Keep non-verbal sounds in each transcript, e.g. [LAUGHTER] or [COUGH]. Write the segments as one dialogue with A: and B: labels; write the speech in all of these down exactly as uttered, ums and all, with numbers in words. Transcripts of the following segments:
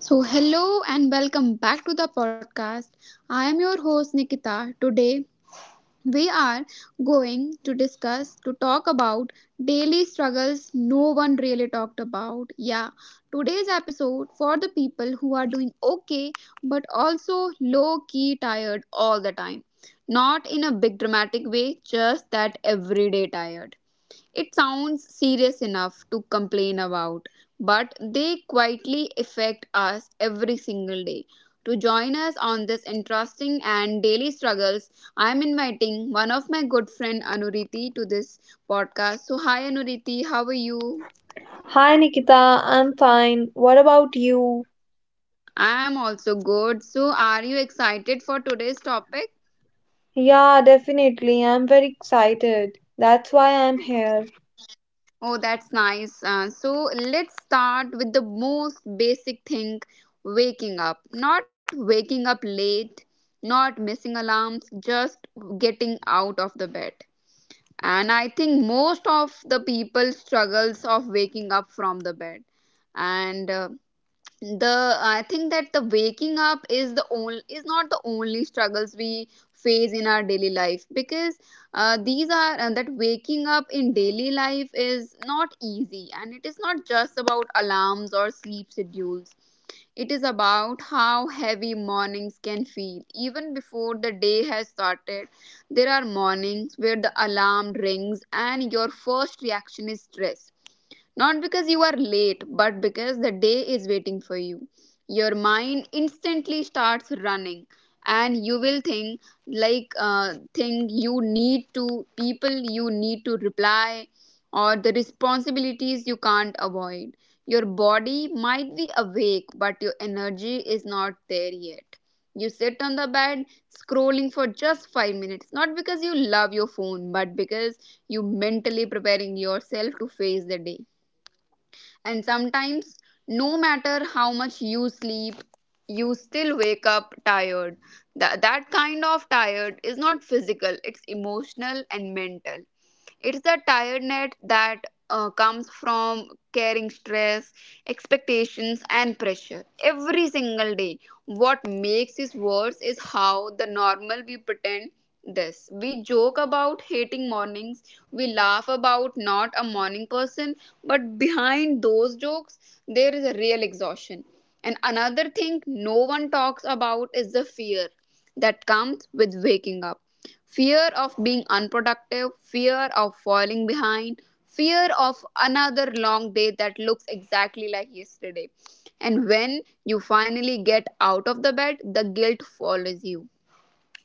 A: So, hello and welcome back to the podcast. I am your host Nikita. Today, we are going to discuss to talk about daily struggles no one really talked about. Yeah, today's episode for the people who are doing okay but also low key tired all the time. Not in a big dramatic way, just that everyday tired. It sounds serious enough to complain about, but they quietly affect us every single day. To join us on this interesting and daily struggles, I am inviting one of my good friend Anuriti to this podcast. So hi Anuriti, how are you?
B: Hi Nikita, I'm fine. What about you?
A: I am also good. So are you excited for today's topic?
B: Yeah, definitely. I'm very excited. That's why I'm here.
A: Oh, that's nice. Uh, so let's start with the most basic thing, waking up. Not waking up late, not missing alarms, just getting out of the bed. And I think most of the people struggles of waking up from the bed. And uh, the I think that the waking up is the only is not the only struggles we face in our daily life, because uh, these are uh, that waking up in daily life is not easy, and it is not just about alarms or sleep schedules. It is about how heavy mornings can feel even before the day has started. There are mornings where the alarm rings and your first reaction is stress, not because you are late, but because the day is waiting for you. Your mind instantly starts running and you will think, like uh, think you need to people you need to reply, or the responsibilities you can't avoid. Your body might be awake but your energy is not there yet. You sit on the bed scrolling for just five minutes, not because you love your phone, but because you mentally preparing yourself to face the day. And sometimes, no matter how much you sleep, you still wake up tired. That, that kind of tired is not physical, it's emotional and mental. It's the tiredness that uh, comes from carrying stress, expectations, and pressure every single day. What makes this worse is how the normal we pretend this. We joke about hating mornings, we laugh about not a morning person, but behind those jokes, there is a real exhaustion. And another thing no one talks about is the fear that comes with waking up, fear of being unproductive, fear of falling behind, fear of another long day that looks exactly like yesterday. And when you finally get out of the bed, the guilt follows you.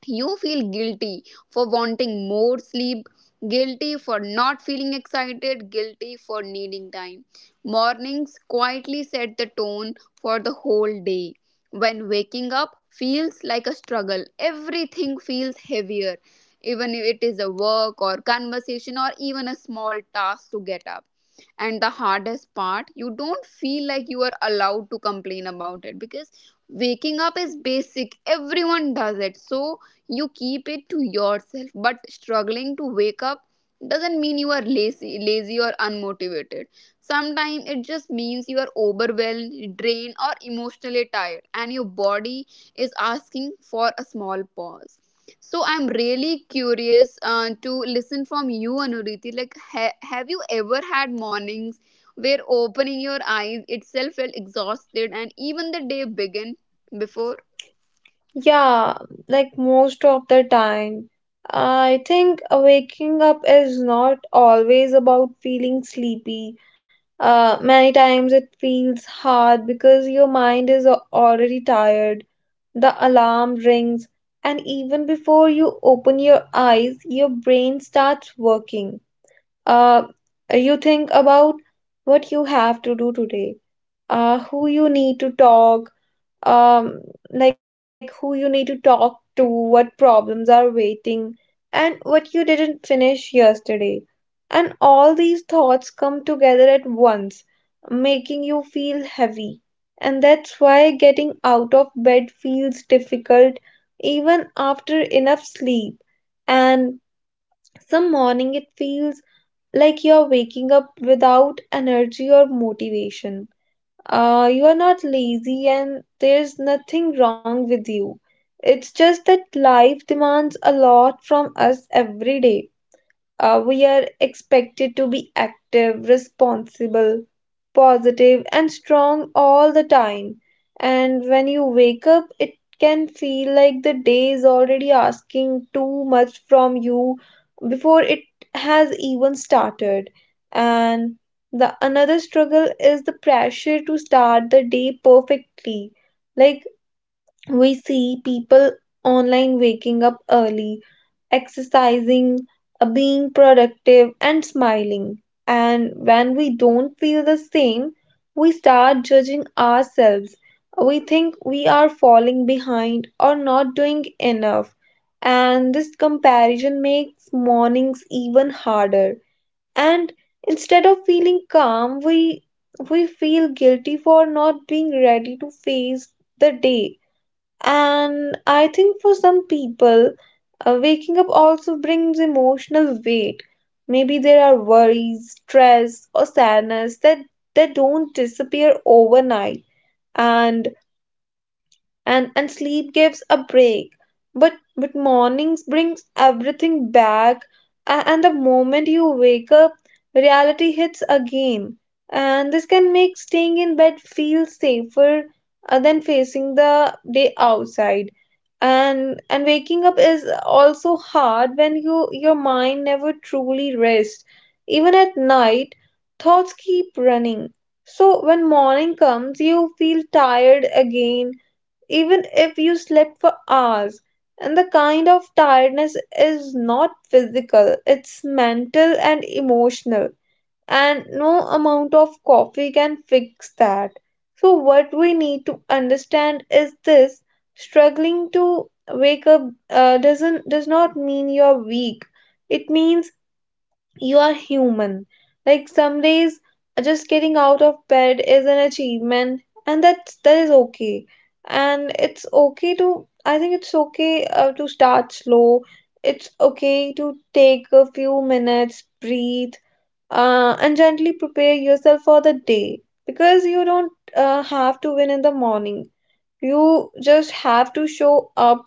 A: You feel guilty for wanting more sleep, guilty for not feeling excited, guilty for needing time. Mornings quietly set the tone for the whole day. When waking up feels like a struggle, everything feels heavier, even if it is a work or conversation or even a small task to get up. And the hardest part, you don't feel like you are allowed to complain about it, because waking up is basic, everyone does it, so you keep it to yourself. But struggling to wake up doesn't mean you are lazy lazy or unmotivated. Sometimes it just means you are overwhelmed, drained, or emotionally tired, and your body is asking for a small pause. So I'm really curious uh, to listen from you, Anuriti. Like, ha- have you ever had mornings where opening your eyes itself felt exhausted, and even the day began before?
B: Yeah, like most of the time. I think waking up is not always about feeling sleepy. Uh, many times it feels hard because your mind is al- already tired. The alarm rings, and even before you open your eyes, your brain starts working. Uh, you think about what you have to do today, uh, who you need to talk, um, like who you need to talk to, what problems are waiting, and what you didn't finish yesterday. And all these thoughts come together at once, making you feel heavy. And that's why getting out of bed feels difficult even after enough sleep. And some morning it feels like you're waking up without energy or motivation. Uh, you are not lazy and there's nothing wrong with you. It's just that life demands a lot from us every day. Uh, we are expected to be active, responsible, positive and strong all the time. And when you wake up, it can feel like the day is already asking too much from you before it has even started. And the another struggle is the pressure to start the day perfectly. Like we see people online waking up early exercising, uh, being productive, and smiling. And when we don't feel the same, we start judging ourselves. We think we are falling behind or not doing enough. And this comparison makes mornings even harder. And instead of feeling calm, we we feel guilty for not being ready to face the day. And I think for some people, uh, waking up also brings emotional weight. Maybe there are worries, stress, or sadness that, that don't disappear overnight. And and and sleep gives a break, but but mornings brings everything back. A- and the moment you wake up, reality hits again, and this can make staying in bed feel safer uh, than facing the day outside. And and waking up is also hard when you your mind never truly rests. Even at night, thoughts keep running, so when morning comes you feel tired again, even if you slept for hours. And the kind of tiredness is not physical, it's mental and emotional. And no amount of coffee can fix that. So, what we need to understand is this: struggling to wake up uh, doesn't does not mean you're weak, it means you are human. Like some days, just getting out of bed is an achievement, and that's that is okay. And it's okay to, I think it's okay uh, to start slow. It's okay to take a few minutes, breathe, uh, and gently prepare yourself for the day, because you don't uh, have to win in the morning. You just have to show up,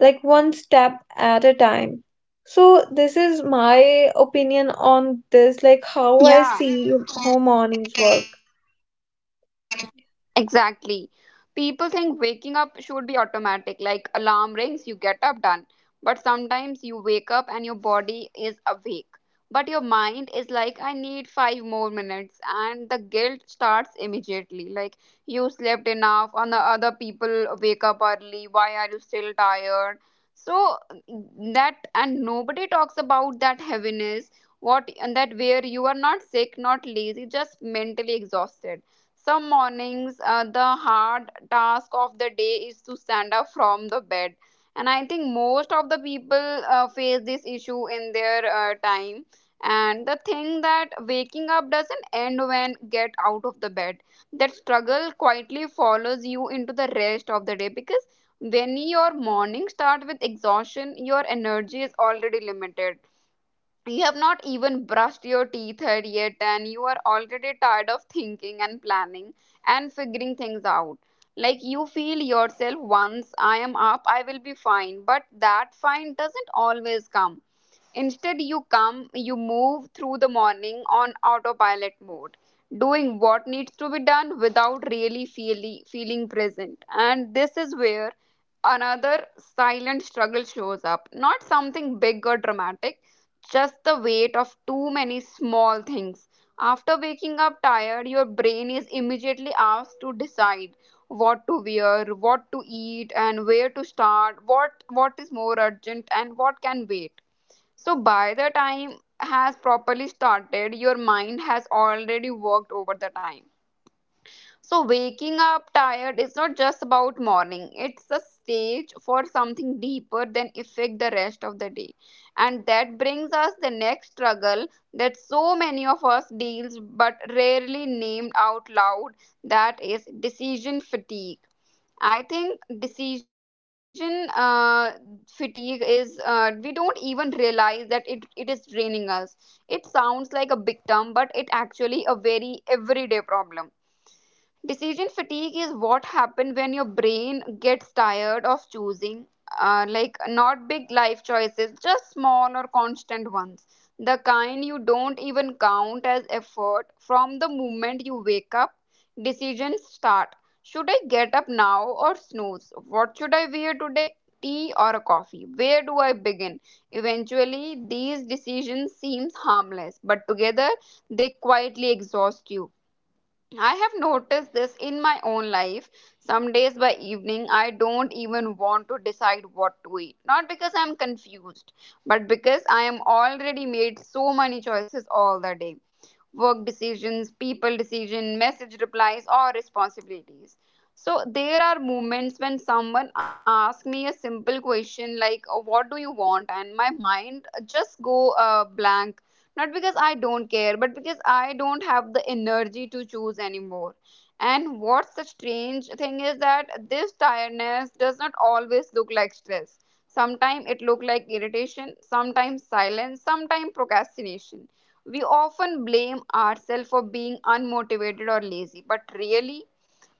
B: like one step at a time. So this is my opinion on this, like how I
A: Yeah.
B: see how mornings work.
A: Exactly. People think waking up should be automatic, like alarm rings, you get up, done. But sometimes you wake up and your body is awake, but your mind is like, I need five more minutes. And the guilt starts immediately. Like, you slept enough, and the other people wake up early. Why are you still tired? So, that, and nobody talks about that heaviness, what, and that where you are not sick, not lazy, just mentally exhausted. Some mornings, uh, the hard task of the day is to stand up from the bed. And I think most of the people uh, face this issue in their uh, time. And the thing that waking up doesn't end when get out of the bed, that struggle quietly follows you into the rest of the day. Because when your morning start with exhaustion, your energy is already limited. You have not even brushed your teeth had yet, and you are already tired of thinking and planning and figuring things out. Like you feel yourself, once I am up, I will be fine. But that fine doesn't always come. Instead, you come, you move through the morning on autopilot mode, doing what needs to be done without really feeling feeling present. And this is where another silent struggle shows up. Not something big or dramatic, just the weight of too many small things. After waking up tired, your brain is immediately asked to decide what to wear, what to eat, and where to start, what what is more urgent and what can wait. So by the time has properly started, your mind has already worked over the time. So waking up tired is not just about morning. It's a stage for something deeper than affect the rest of the day. And that brings us the next struggle that so many of us deals but rarely named out loud. That is decision fatigue. I think decision uh, fatigue is, uh, we don't even realize that it, it is draining us. It sounds like a big term, but it actually a very everyday problem. Decision fatigue is what happens when your brain gets tired of choosing, uh, like not big life choices, just small or constant ones. The kind you don't even count as effort. From the moment you wake up, decisions start. Should I get up now or snooze? What should I wear today? Tea or a coffee? Where do I begin? Eventually, these decisions seem harmless, but together they quietly exhaust you. I have noticed this in my own life. Some days by evening, I don't even want to decide what to eat. Not because I'm confused, but because I am already made so many choices all the day, work decisions, people decision, message replies, or responsibilities. So there are moments when someone asks me a simple question like, uh, what do you want, and my mind just go uh, blank. Not because I don't care, but because I don't have the energy to choose anymore. And what's the strange thing is that this tiredness does not always look like stress. Sometimes it look like irritation, sometimes silence, sometimes procrastination. We often blame ourselves for being unmotivated or lazy, but really,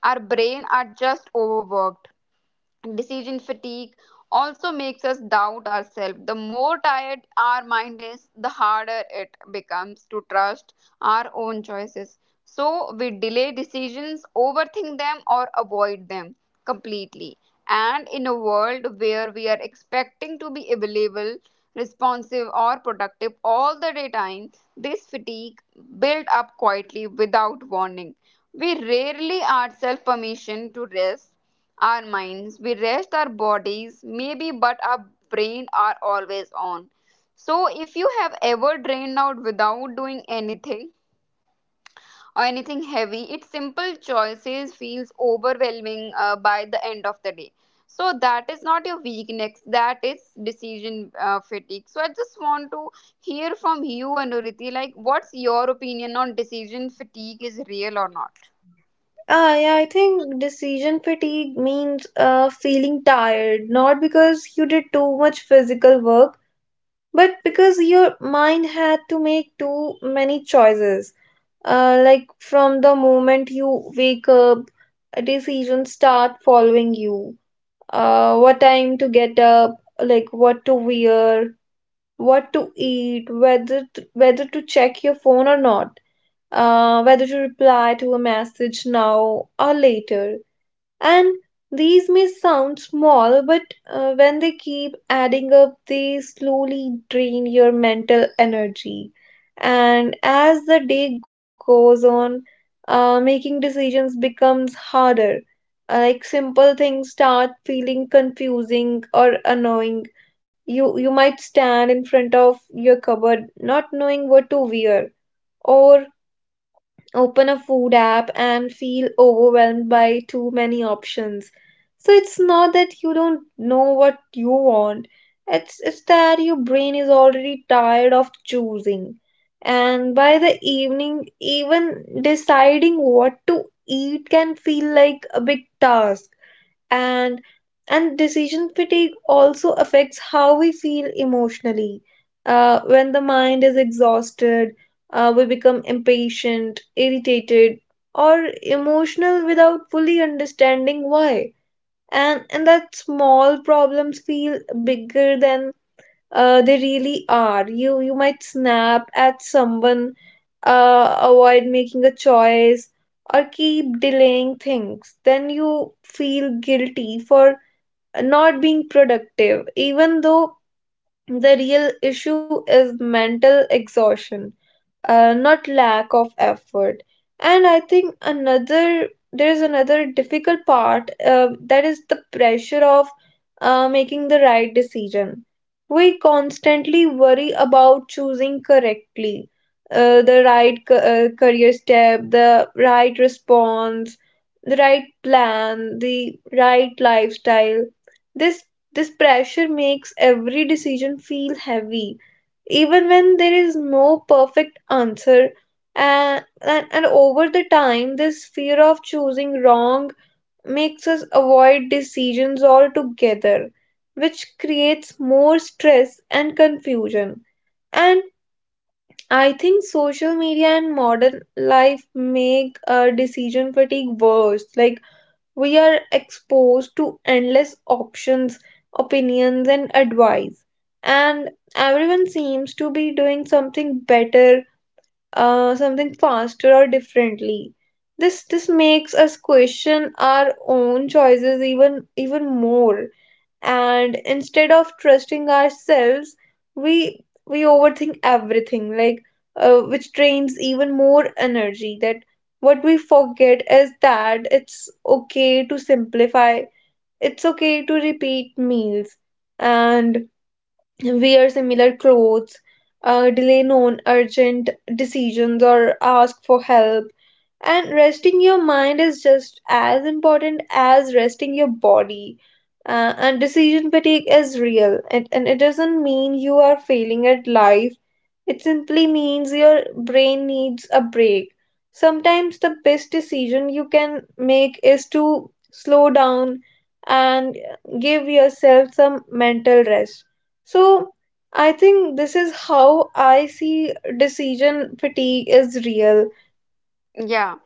A: our brain are just overworked. Decision fatigue also makes us doubt ourselves. The more tired our mind is, the harder it becomes to trust our own choices. So we delay decisions, overthink them, or avoid them completely. And in a world where we are expecting to be available, responsive, or productive all the day time, this fatigue build up quietly without warning. We rarely ourselves permission to rest our minds, we rest our bodies, maybe, but our brain are always on. So, if you have ever drained out without doing anything or anything heavy, its simple choices feels overwhelming uh, by the end of the day. So that is not your weakness, that is decision uh, fatigue. So I just want to hear from you, Anuriti, like what's your opinion on decision fatigue is real or not?
B: Ah, yeah, I think decision fatigue means uh, feeling tired, not because you did too much physical work, but because your mind had to make too many choices. Uh, like from the moment you wake up, decisions start following you. Uh, what time to get up, like what to wear, what to eat, whether to, whether to check your phone or not, uh, whether to reply to a message now or later. And these may sound small, but uh, when they keep adding up, they slowly drain your mental energy. And as the day goes on, uh, making decisions becomes harder, uh, like simple things start feeling confusing or annoying. You you might stand in front of your cupboard not knowing what to wear, or open a food app and feel overwhelmed by too many options. So it's not that you don't know what you want, it's it's that your brain is already tired of choosing. And by the evening, even deciding what to eat can feel like a big task. And and decision fatigue also affects how we feel emotionally. Uh, when the mind is exhausted, uh, we become impatient, irritated, or emotional without fully understanding why. And and that small problems feel bigger than uh, they really are. You you might snap at someone, uh, avoid making a choice, or keep delaying things. Then you feel guilty for not being productive, even though the real issue is mental exhaustion, uh, not lack of effort. And I think another there is another difficult part uh, that is the pressure of uh, making the right decision. We constantly worry about choosing correctly, uh, the right ca- uh, career step, the right response, the right plan, the right lifestyle. This this pressure makes every decision feel heavy even when there is no perfect answer. And, and and over the time, this fear of choosing wrong makes us avoid decisions altogether, which creates more stress and confusion. And I think social media and modern life make uh, decision fatigue worse. Like we are exposed to endless options, opinions, and advice. And everyone seems to be doing something better, uh, something faster or differently. This this makes us question our own choices even even more, and instead of trusting ourselves, we we overthink everything, like uh, which drains even more energy. That what we forget is that it's okay to simplify, it's okay to repeat meals and wear similar clothes, uh, delay non-urgent decisions, or ask for help. And resting your mind is just as important as resting your body. Uh, and decision fatigue is real. It, and it doesn't mean you are failing at life, it simply means your brain needs a break. Sometimes the best decision you can make is to slow down and give yourself some mental rest. So, I think this is how I see decision fatigue is real.
A: Yeah,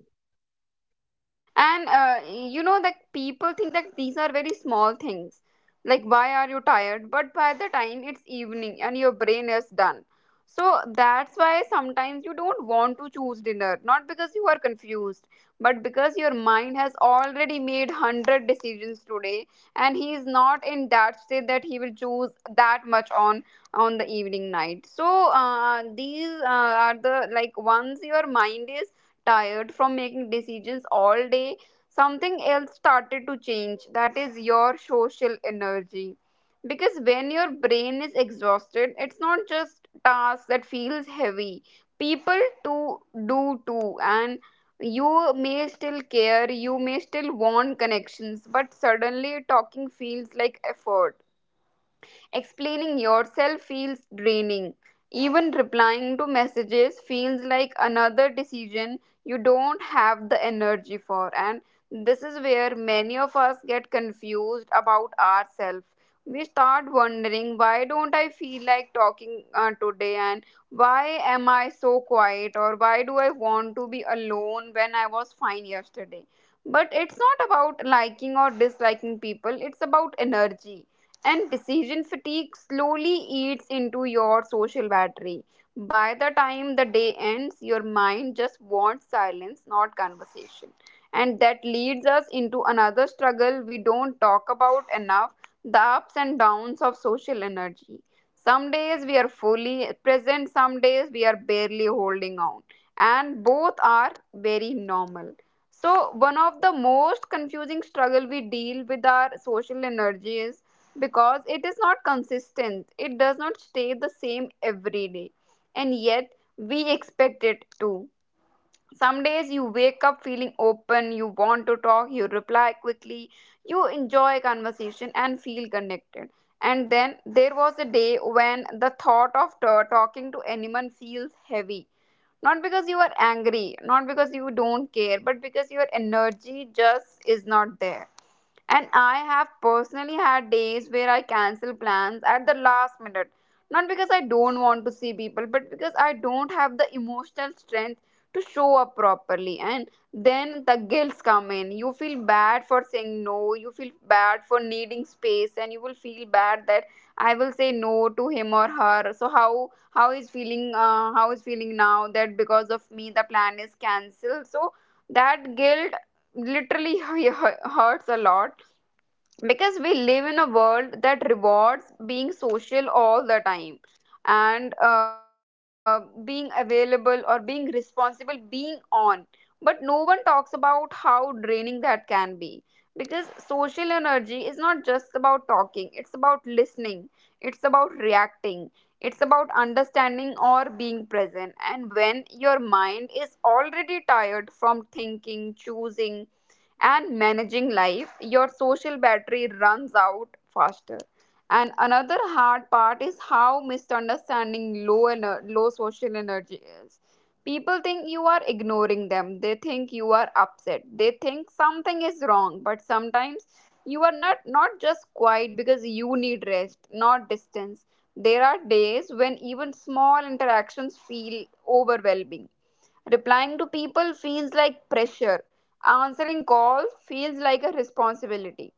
A: and uh, you know that people think that these are very small things. Like, why are you tired? But by the time it's evening and your brain is done. So that's why sometimes you don't want to choose dinner, not because you are confused, but because your mind has already made one hundred decisions today, and he is not in that state that he will choose that much on on the evening night. So uh, these uh, are the like, once your mind is tired from making decisions all day, something else started to change. That is your social energy. Because when your brain is exhausted, it's not just task that feels heavy. People to do too, and you may still care, you may still want connections, but suddenly talking feels like effort. Explaining yourself feels draining. Even replying to messages feels like another decision you don't have the energy for. And this is where many of us get confused about ourselves. We start wondering, why don't I feel like talking uh, today, and why am I so quiet, or why do I want to be alone when I was fine yesterday? But it's not about liking or disliking people, it's about energy. And decision fatigue slowly eats into your social battery. By the time the day ends, your mind just wants silence, not conversation. And that leads us into another struggle we don't talk about enough, the ups and downs of social energy. Some days we are fully present, some days we are barely holding on. And both are very normal. So, one of the most confusing struggle we deal with our social energy is because it is not consistent. It does not stay the same every day. And yet, we expect it to. Some days you wake up feeling open, you want to talk, you reply quickly, you enjoy conversation and feel connected. And then there was a day when the thought of t- talking to anyone feels heavy. Not because you are angry, not because you don't care, but because your energy just is not there. And I have personally had days where I cancel plans at the last minute. Not because I don't want to see people, but because I don't have the emotional strength to show up properly. And then the guilt come in. You feel bad for saying no, you feel bad for needing space, and you will feel bad that I will say no to him or her. So how how is feeling uh, how is feeling now that because of me the plan is cancelled. So that guilt literally [LAUGHS] hurts a lot because we live in a world that rewards being social all the time, and uh, being available or being responsible, being on. But no one talks about how draining that can be, because social energy is not just about talking. It's about listening, it's about reacting, it's about understanding or being present. And when your mind is already tired from thinking, choosing, and managing life, your social battery runs out faster. And another hard part is how misunderstanding low ener- low social energy is. People think you are ignoring them. They think you are upset. They think something is wrong. But sometimes you are not not just quiet because you need rest, not distance. There are days when even small interactions feel overwhelming. Replying to people feels like pressure. Answering calls feels like a responsibility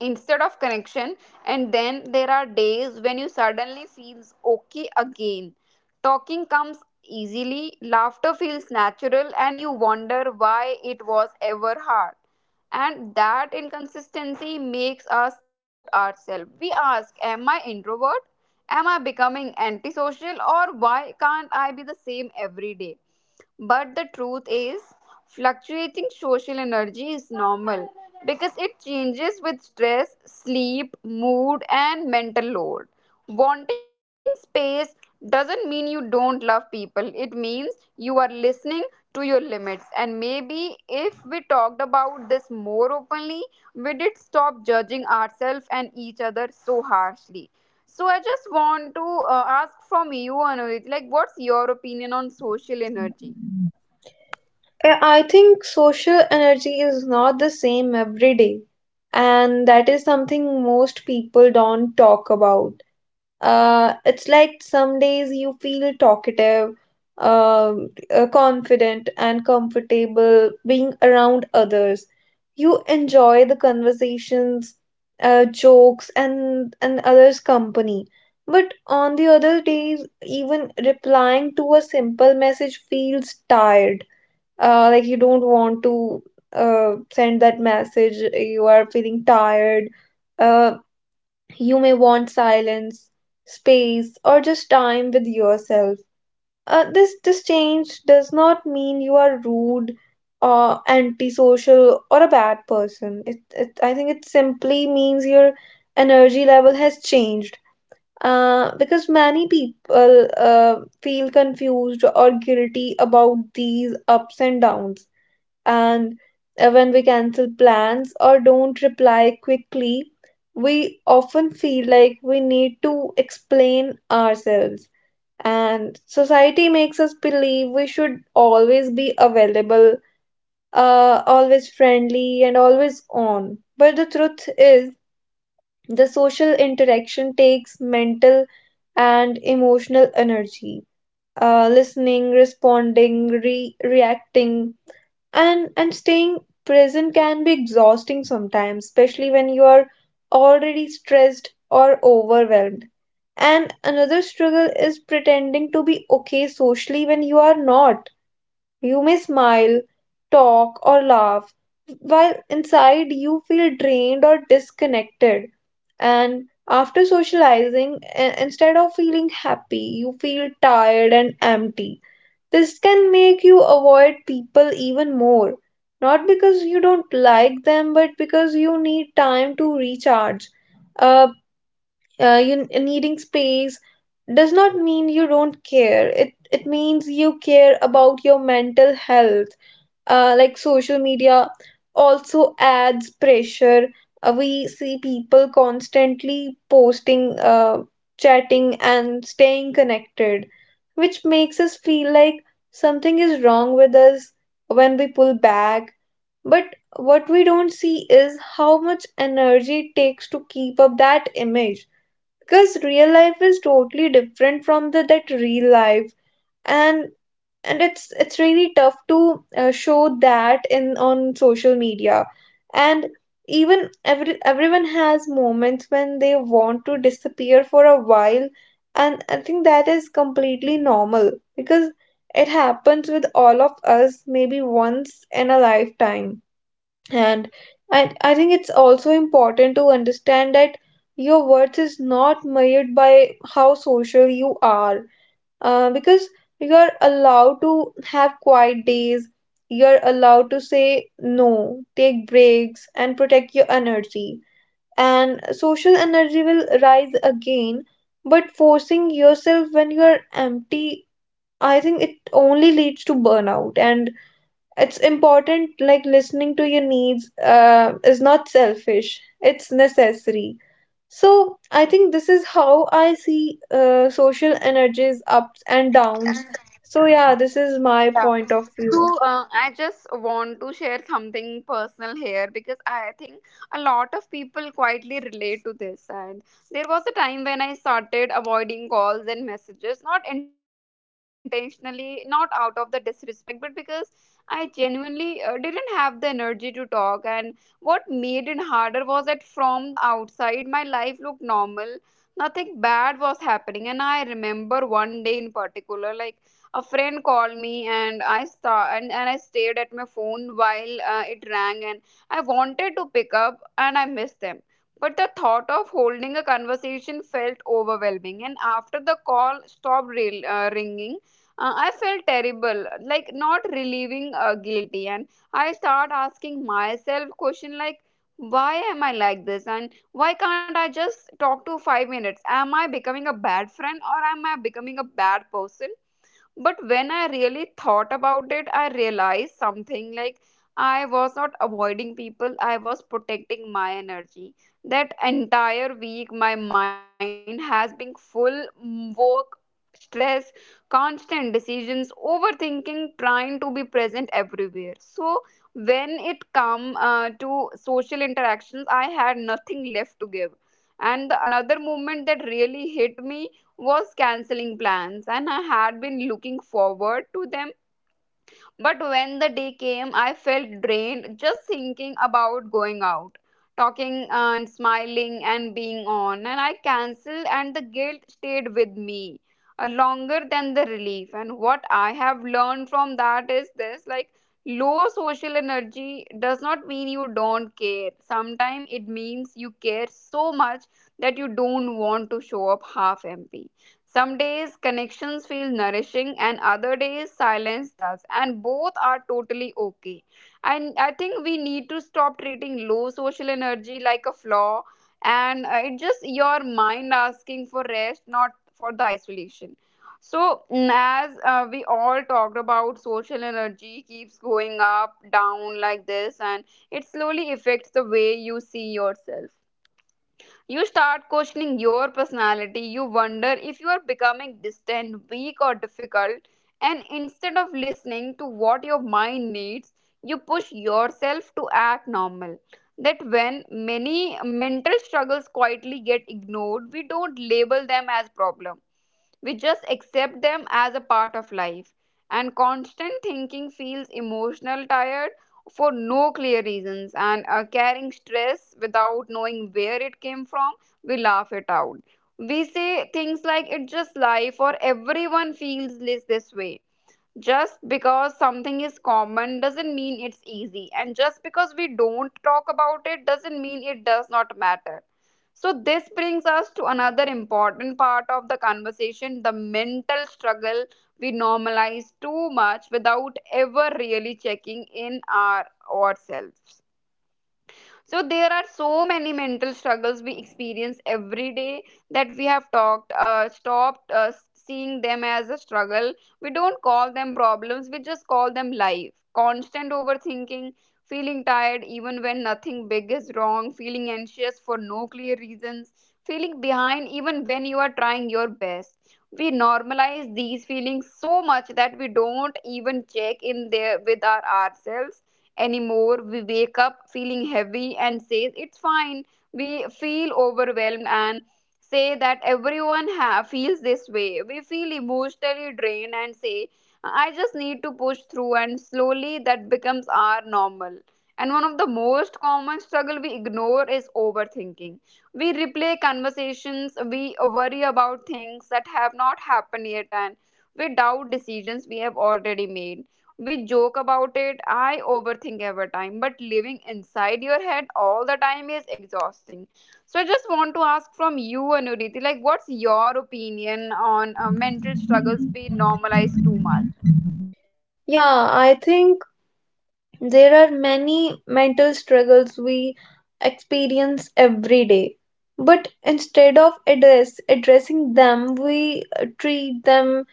A: instead of connection. And then there are days when you suddenly feels okay again. Talking comes easily, laughter feels natural, and you wonder why it was ever hard. And that inconsistency makes us doubt ourselves. We ask, am I introvert? Am I becoming antisocial? Or why can't I be the same every day? But the truth is, fluctuating social energy is normal because it changes with stress, sleep, mood, and mental load. Wanting space doesn't mean you don't love people, it means you are listening to your limits. And maybe if we talked about this more openly, we did stop judging ourselves and each other so harshly. So I just want to uh, ask from you, Anurit, like, what's your opinion on social energy?
B: Uh, I think social energy is not the same every day, and that is something most people don't talk about. Uh, it's like some days you feel talkative, um, uh, confident, and comfortable being around others. You enjoy the conversations, uh, jokes, and and others' company. But on the other days, even replying to a simple message feels tired. Uh, like you don't want to uh, send that message, you are feeling tired. uh, you may want silence, space, or just time with yourself. Uh, this this change does not mean you are rude or antisocial or a bad person. it, it I think it simply means your energy level has changed. Uh, because many people uh, feel confused or guilty about these ups and downs. And uh, when we cancel plans or don't reply quickly, we often feel like we need to explain ourselves. And society makes us believe we should always be available, uh, always friendly, and always on. But the truth is, the social interaction takes mental and emotional energy. Uh, listening, responding, re- reacting, and and staying present can be exhausting sometimes, especially when you are already stressed or overwhelmed. And another struggle is pretending to be okay socially when you are not. You may smile, talk, or laugh while inside you feel drained or disconnected. And after socializing, i- instead of feeling happy, you feel tired and empty. This can make you avoid people even more, not because you don't like them, but because you need time to recharge. Uh, uh, you needing space does not mean you don't care. It it means you care about your mental health. Uh, like social media also adds pressure. Uh, we see people constantly posting, uh, chatting, and staying connected, which makes us feel like something is wrong with us when we pull back. But what we don't see is how much energy it takes to keep up that image, because real life is totally different from the that real life. And and it's it's really tough to uh, show that in on social media. And even every everyone has moments when they want to disappear for a while, and I think that is completely normal, because it happens with all of us maybe once in a lifetime. And I, I think it's also important to understand that your worth is not measured by how social you are, uh, because you're allowed to have quiet days, you're allowed to say no, take breaks, and protect your energy. And social energy will rise again, but forcing yourself when you're empty, I think it only leads to burnout. And it's important, like listening to your needs uh, is not selfish, it's necessary. So I think this is how I see uh, social energies ups and downs. So yeah, this is my
A: Yeah.
B: point of view.
A: So uh, I just want to share something personal here because I think a lot of people quietly relate to this. And there was a time when I started avoiding calls and messages, not intentionally, not out of the disrespect, but because I genuinely uh, didn't have the energy to talk. And what made it harder was that from the outside, my life looked normal. Nothing bad was happening. And I remember one day in particular, like, a friend called me, and i sta- and, and i stayed at my phone while uh, it rang. And I wanted to pick up, and I missed them, but the thought of holding a conversation felt overwhelming. And after the call stopped re- uh, ringing, uh, I felt terrible, like not relieving, uh, guilty. And I start asking myself question, like, why am I like this? And why can't I just talk to five minutes? Am I becoming a bad friend, or am I becoming a bad person? But when I really thought about it, I realized something, like, I was not avoiding people, I was protecting my energy. That entire week, my mind has been full, mm, work, stress, constant decisions, overthinking, trying to be present everywhere. So, when it come uh, to social interactions, I had nothing left to give. And the another moment that really hit me was canceling plans, and I had been looking forward to them. But when the day came, I felt drained just thinking about going out, talking and smiling and being on. And I cancelled, and the guilt stayed with me uh, longer than the relief. And what I have learned from that is this, like, low social energy does not mean you don't care. Sometimes it means you care so much that you don't want to show up half empty. Some days connections feel nourishing and other days silence does, and both are totally okay. And I think we need to stop treating low social energy like a flaw, and uh, it's just your mind asking for rest, not for the isolation. So, mm, as uh, we all talked about, social energy keeps going up, down like this, and it slowly affects the way you see yourself. You start questioning your personality. You wonder if you are becoming distant, weak, or difficult. And instead of listening to what your mind needs, you push yourself to act normal. That when many mental struggles quietly get ignored, we don't label them as problem, we just accept them as a part of life. And constant thinking feels emotional tired for no clear reasons, and are carrying stress without knowing where it came from, we laugh it out. We say things like it's just life or everyone feels this, this way. Just because something is common doesn't mean it's easy, and just because we don't talk about it doesn't mean it does not matter. So this brings us to another important part of the conversation, the mental struggle we normalize too much without ever really checking in our ourselves. So there are so many mental struggles we experience every day that we have talked, uh, stopped uh, seeing them as a struggle. We don't call them problems, we just call them life. Constant overthinking, feeling tired even when nothing big is wrong, feeling anxious for no clear reasons, feeling behind even when you are trying your best. We normalize these feelings so much that we don't even check in there with our ourselves anymore. We wake up feeling heavy and says it's fine. We feel overwhelmed and say that everyone ha- feels this way. We feel emotionally drained and say I just need to push through, and slowly that becomes our normal. And one of the most common struggle we ignore is overthinking. We replay conversations, we worry about things that have not happened yet, and we doubt decisions we have already made. We joke about it. I overthink every time, but living inside your head all the time is exhausting. So I just want to ask from you, Anuriti, like, what's your opinion on uh, mental struggles we normalize too much?
B: Yeah, I think there are many mental struggles we experience every day. But instead of address addressing them, we uh, treat them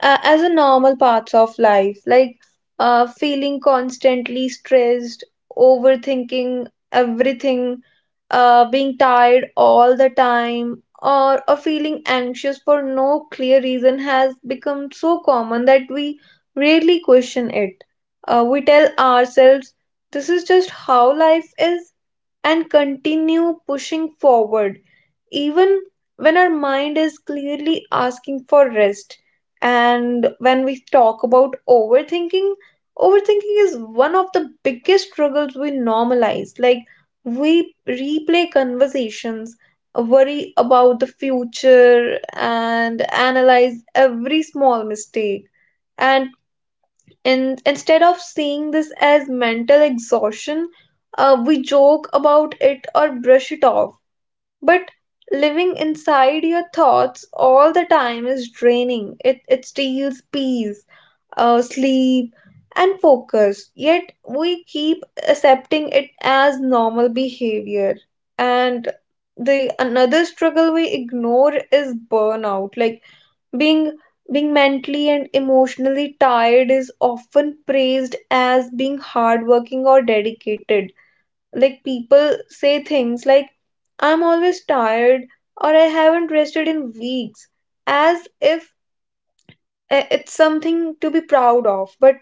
B: uh, as a normal parts of life like uh, feeling constantly stressed, overthinking everything, uh, being tired all the time or, or feeling anxious for no clear reason has become so common that we rarely question it. Uh, we tell ourselves this is just how life is and continue pushing forward even when our mind is clearly asking for rest. And when we talk about overthinking, overthinking is one of the biggest struggles we normalize. Like, we replay conversations, worry about the future, and analyze every small mistake. And in, instead of seeing this as mental exhaustion, uh, we joke about it or brush it off, but living inside your thoughts all the time is draining. It, it steals peace, uh, sleep, and focus. Yet we keep accepting it as normal behavior. And the another struggle we ignore is burnout. Like, being being mentally and emotionally tired is often praised as being hardworking or dedicated. Like, people say things like, I'm always tired, or I haven't rested in weeks, as if uh, it's something to be proud of. but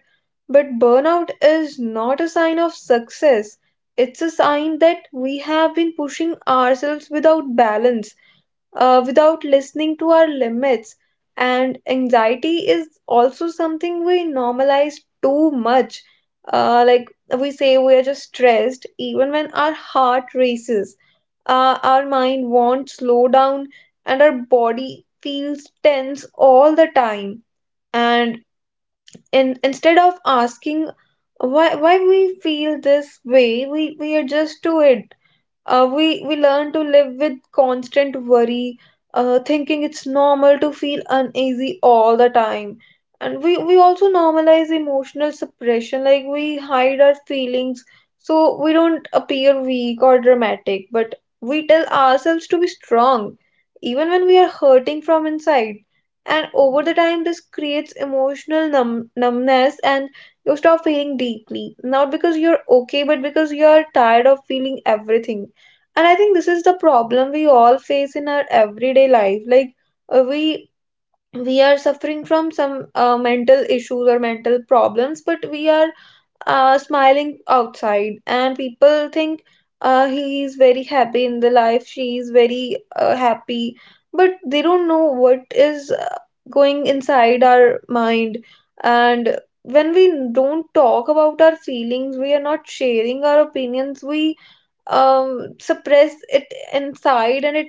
B: but burnout is not a sign of success, it's a sign that we have been pushing ourselves without balance, uh, without listening to our limits. And anxiety is also something we normalize too much. Uh, like, we say we are just stressed, even when our heart races, uh, our mind won't slow down, and our body feels tense all the time. And in, instead of asking why why we feel this way, we, we adjust to it. Uh, we we learn to live with constant worry, uh, thinking it's normal to feel uneasy all the time. And we, we also normalize emotional suppression. Like, we hide our feelings so we don't appear weak or dramatic, but we tell ourselves to be strong, even when we are hurting from inside. And over the time, this creates emotional numb- numbness, and you stop feeling deeply, not because you're okay, but because you're tired of feeling everything. And I think this is the problem we all face in our everyday life. Like, uh, we we are suffering from some uh, mental issues or mental problems, but we are uh, smiling outside, and people think uh, he is very happy in the life, she is very uh, happy, but they don't know what is uh, going inside our mind. And when we don't talk about our feelings, we are not sharing our opinions, we um, suppress it inside, and it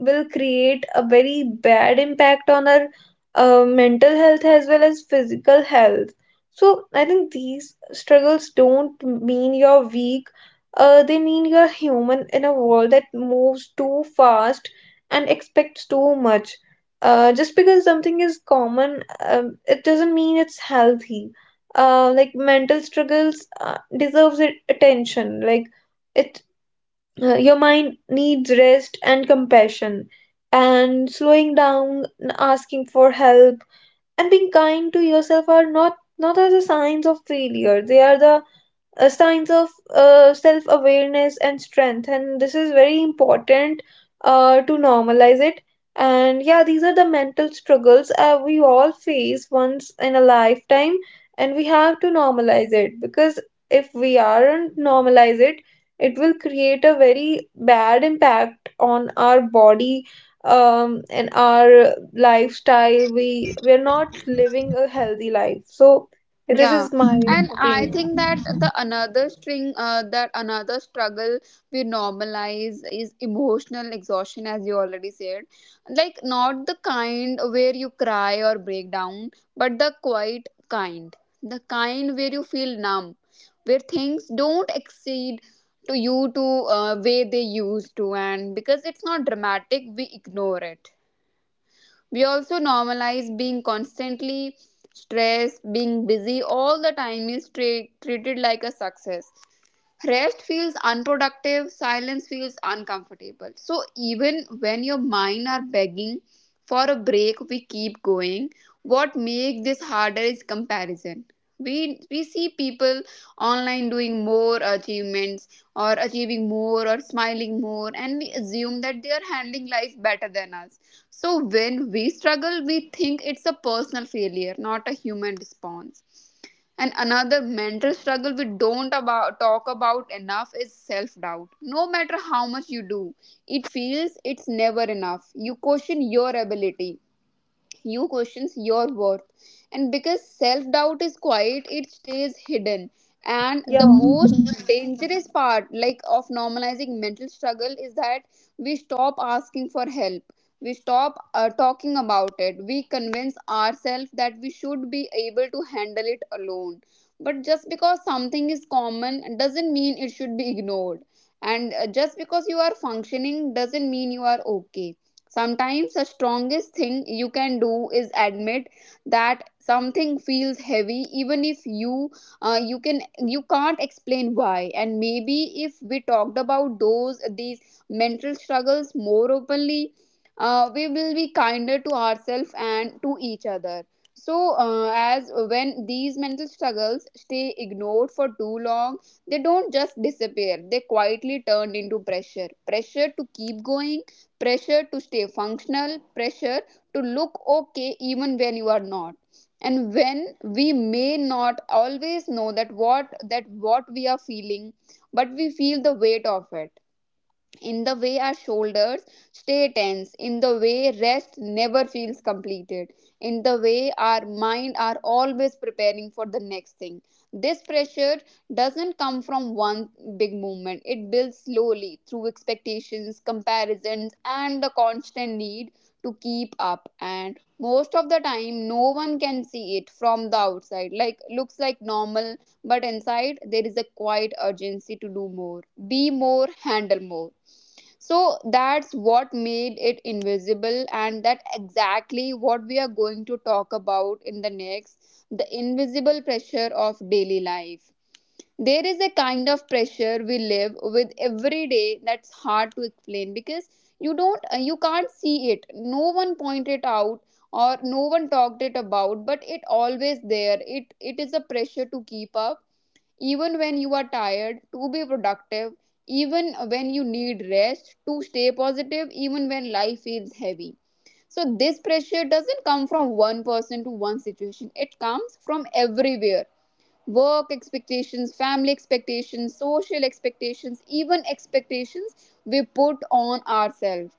B: will create a very bad impact on our uh, mental health as well as physical health. So I think these struggles don't mean you're weak. Uh, they mean you're human in a world that moves too fast and expects too much. Uh, just because something is common, um, it doesn't mean it's healthy. Uh, like, mental struggles uh, deserves it- attention. Like, it, uh, your mind needs rest and compassion, and slowing down, n- asking for help, and being kind to yourself are not not are the signs of failure. They are the uh, signs of uh, self awareness and strength. And this is very important uh, to normalize it. And yeah, these are the mental struggles uh, we all face once in a lifetime, and we have to normalize it because if we aren't normalize it, it will create a very bad impact on our body um and our lifestyle. We we're not living a healthy life. So this
A: Yeah,
B: is my
A: and I
B: opinion.
A: think that the another string, uh, that another struggle we normalize is emotional exhaustion, as you already said. Like, not the kind where you cry or break down, but the quiet kind, the kind where you feel numb, where things don't exceed to you to uh, way they used to. And because it's not dramatic, we ignore it. We also normalize being constantly stressed. Being busy all the time is tra- treated like a success. Rest feels unproductive, silence feels uncomfortable. So even when your mind are begging for a break, we keep going. What make this harder is comparison. We we see people online doing more achievements or achieving more or smiling more, and we assume that they are handling life better than us. So when we struggle, we think it's a personal failure, not a human response. And another mental struggle we don't about talk about enough is self-doubt. No matter how much you do, it feels it's never enough. You question your ability, you questions your worth, and because self doubt is quiet, it stays hidden. And the
B: Yeah.
A: most dangerous part, like, of normalizing mental struggle is that we stop asking for help. We stop uh, talking about it. We convince ourselves that we should be able to handle it alone. But just because something is common doesn't mean it should be ignored. And uh, just because you are functioning doesn't mean you are okay. Sometimes the strongest thing you can do is admit that something feels heavy, even if you uh, you can you can't explain why. And maybe if we talked about those these mental struggles more openly, uh, we will be kinder to ourselves and to each other. So uh, as when these mental struggles stay ignored for too long, they don't just disappear. They quietly turn into pressure. Pressure to keep going, pressure to stay functional, pressure to look okay even when you are not. And when we may not always know that what that what we are feeling, but we feel the weight of it, in the way our shoulders stay tense, in the way rest never feels completed, in the way our mind are always preparing for the next thing. This pressure doesn't come from one big movement. It builds slowly through expectations, comparisons, and the constant need to keep up. And most of the time, no one can see it from the outside. Like, looks like normal, but inside, there is a quiet urgency to do more, be more, handle more. So that's what made it invisible, and that exactly what we are going to talk about in the next, the invisible pressure of daily life. There is a kind of pressure we live with every day that's hard to explain because you don't uh, you can't see it. No one pointed it out or no one talked it about, but it always there. It it is a pressure to keep up even when you are tired, to be productive even when you need rest, to stay positive even when life feels heavy. So this pressure doesn't come from one person to one situation, it comes from everywhere. Work expectations, family expectations, social expectations, even expectations we put on ourselves.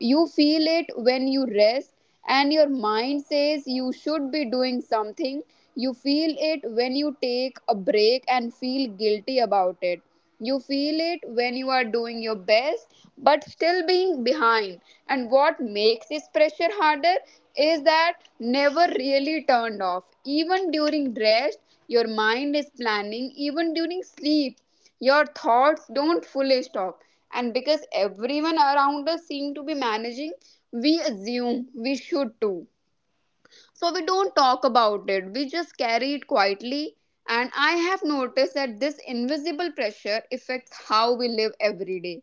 A: You feel it when you rest and your mind says you should be doing something. You feel it when you take a break and feel guilty about it. You feel it when you are doing your best but still being behind. And what makes this pressure harder is that never really turned off. Even during rest, your mind is planning. Even during sleep, your thoughts don't fully stop. And because everyone around us seem to be managing, we assume we should too. So we don't talk about it, we just carry it quietly. And I have noticed that this invisible pressure affects how we live every day.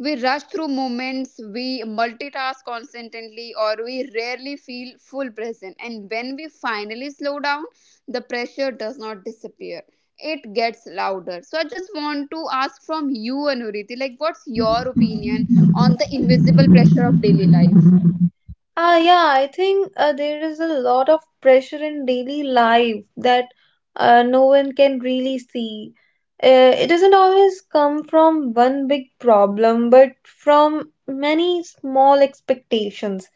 A: We rush through moments, we multitask constantly, or we rarely feel full present. And when we finally slow down, the pressure does not disappear. It gets louder. So I just want to ask from you, Anuriti, like, what's your opinion on the invisible pressure of daily life?
B: Ah, yeah, I think uh, there is a lot of pressure in daily life that uh, no one can really see. Uh, it doesn't always come from one big problem, but from many small expectations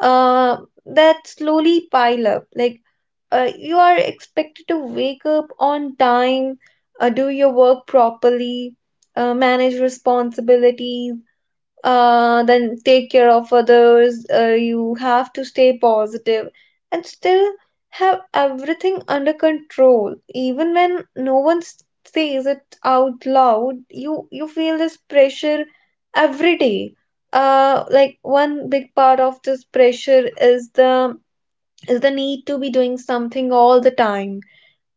B: uh, that slowly pile up. Like, uh, you are expected to wake up on time, uh, do your work properly, uh, manage responsibilities, uh, then take care of others. Uh, you have to stay positive and still have everything under control. Even when no one s- says it out loud, you, you feel this pressure every day. Uh, like, one big part of this pressure is the is the need to be doing something all the time.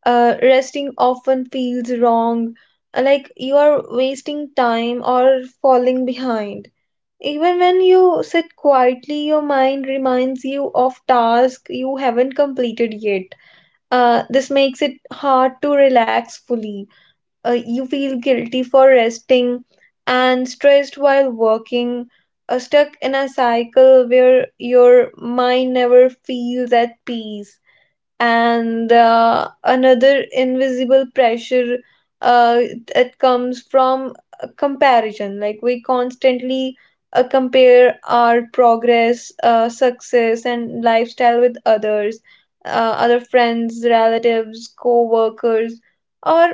B: Uh, resting often feels wrong, like you are wasting time or falling behind, even when you sit quietly, your mind reminds you of tasks you haven't completed yet. Uh, this makes it hard to relax fully. Uh, you feel guilty for resting and stressed while working, uh, stuck in a cycle where your mind never feels at peace. And uh, another invisible pressure uh, that comes from uh, comparison. Like, we constantly uh, compare our progress, uh, success, and lifestyle with others, uh, other friends, relatives, co-workers, or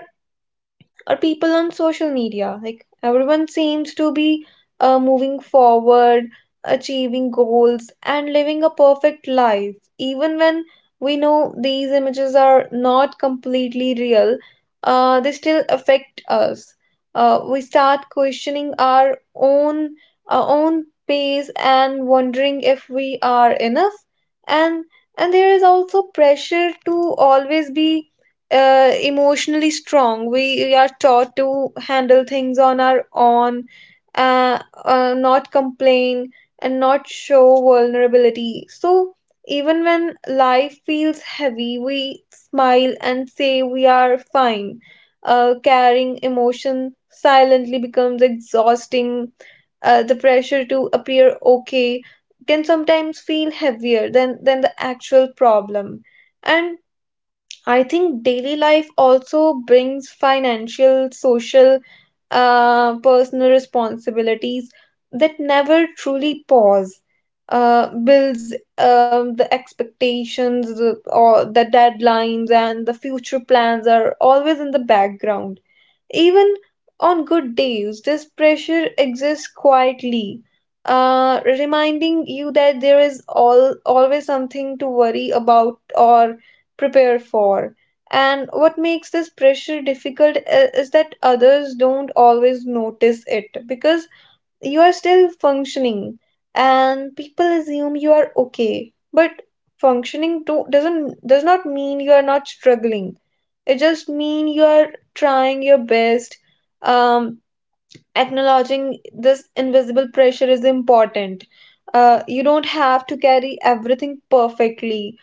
B: or people on social media. Like, everyone seems to be uh, moving forward, achieving goals, and living a perfect life. Even when we know these images are not completely real, uh, they still affect us. Uh, we start questioning our own our own pace and wondering if we are enough. And and there is also pressure to always be uh, emotionally strong. We are taught to handle things on our own, uh, uh, not complain, and not show vulnerability. So, even when life feels heavy, we smile and say we are fine. Uh, carrying emotion silently becomes exhausting. Uh, the pressure to appear okay can sometimes feel heavier than, than the actual problem. And I think daily life also brings financial, social, uh, personal responsibilities that never truly pause. Uh, builds um, the expectations, the- or the deadlines, and the future plans are always in the background. Even on good days, this pressure exists quietly, uh, reminding you that there is all, always something to worry about or prepare for. And what makes this pressure difficult i- is that others don't always notice it, because you are still functioning and people assume you are okay. But functioning do, doesn't does not mean you are not struggling, it just mean you're trying your best. Um, Acknowledging this invisible pressure is important. Uh, you don't have to carry everything perfectly.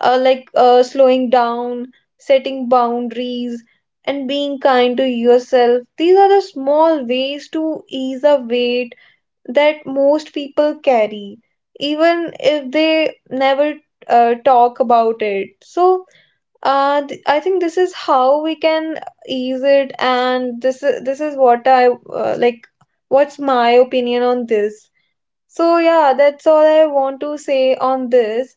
B: Uh, like uh, slowing down, setting boundaries, and being kind to yourself. These are the small ways to ease a weight that most people carry, even if they never uh, talk about it. So, uh, th- I think this is how we can ease it, and this is this is what I uh, like. What's my opinion on this? So yeah, that's all I want to say on this.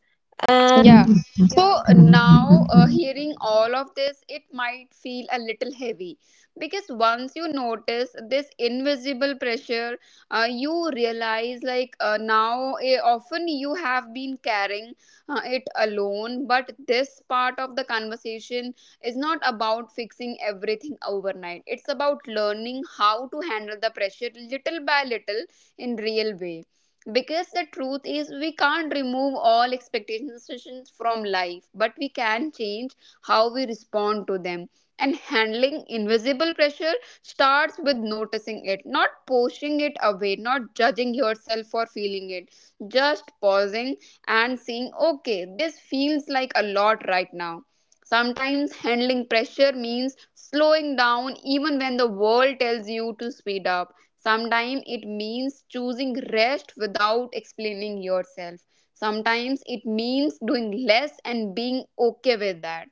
A: Yeah.
B: And
A: So
B: yeah.
A: now, uh, hearing all of this, it might feel a little heavy because once you notice this invisible pressure, uh, you realize, like, uh, now eh, often you have been carrying uh, it alone. But this part of the conversation is not about fixing everything overnight. It's about learning how to handle the pressure little by little, in real way, because the truth is, we can't remove all expectations from life, but we can change how we respond to them. And handling invisible pressure starts with noticing it, not pushing it away, not judging yourself for feeling it, just pausing and saying, okay, this feels like a lot right now. Sometimes handling pressure means slowing down even when the world tells you to speed up. Sometimes it means choosing rest without explaining yourself. Sometimes it means doing less and being okay with that.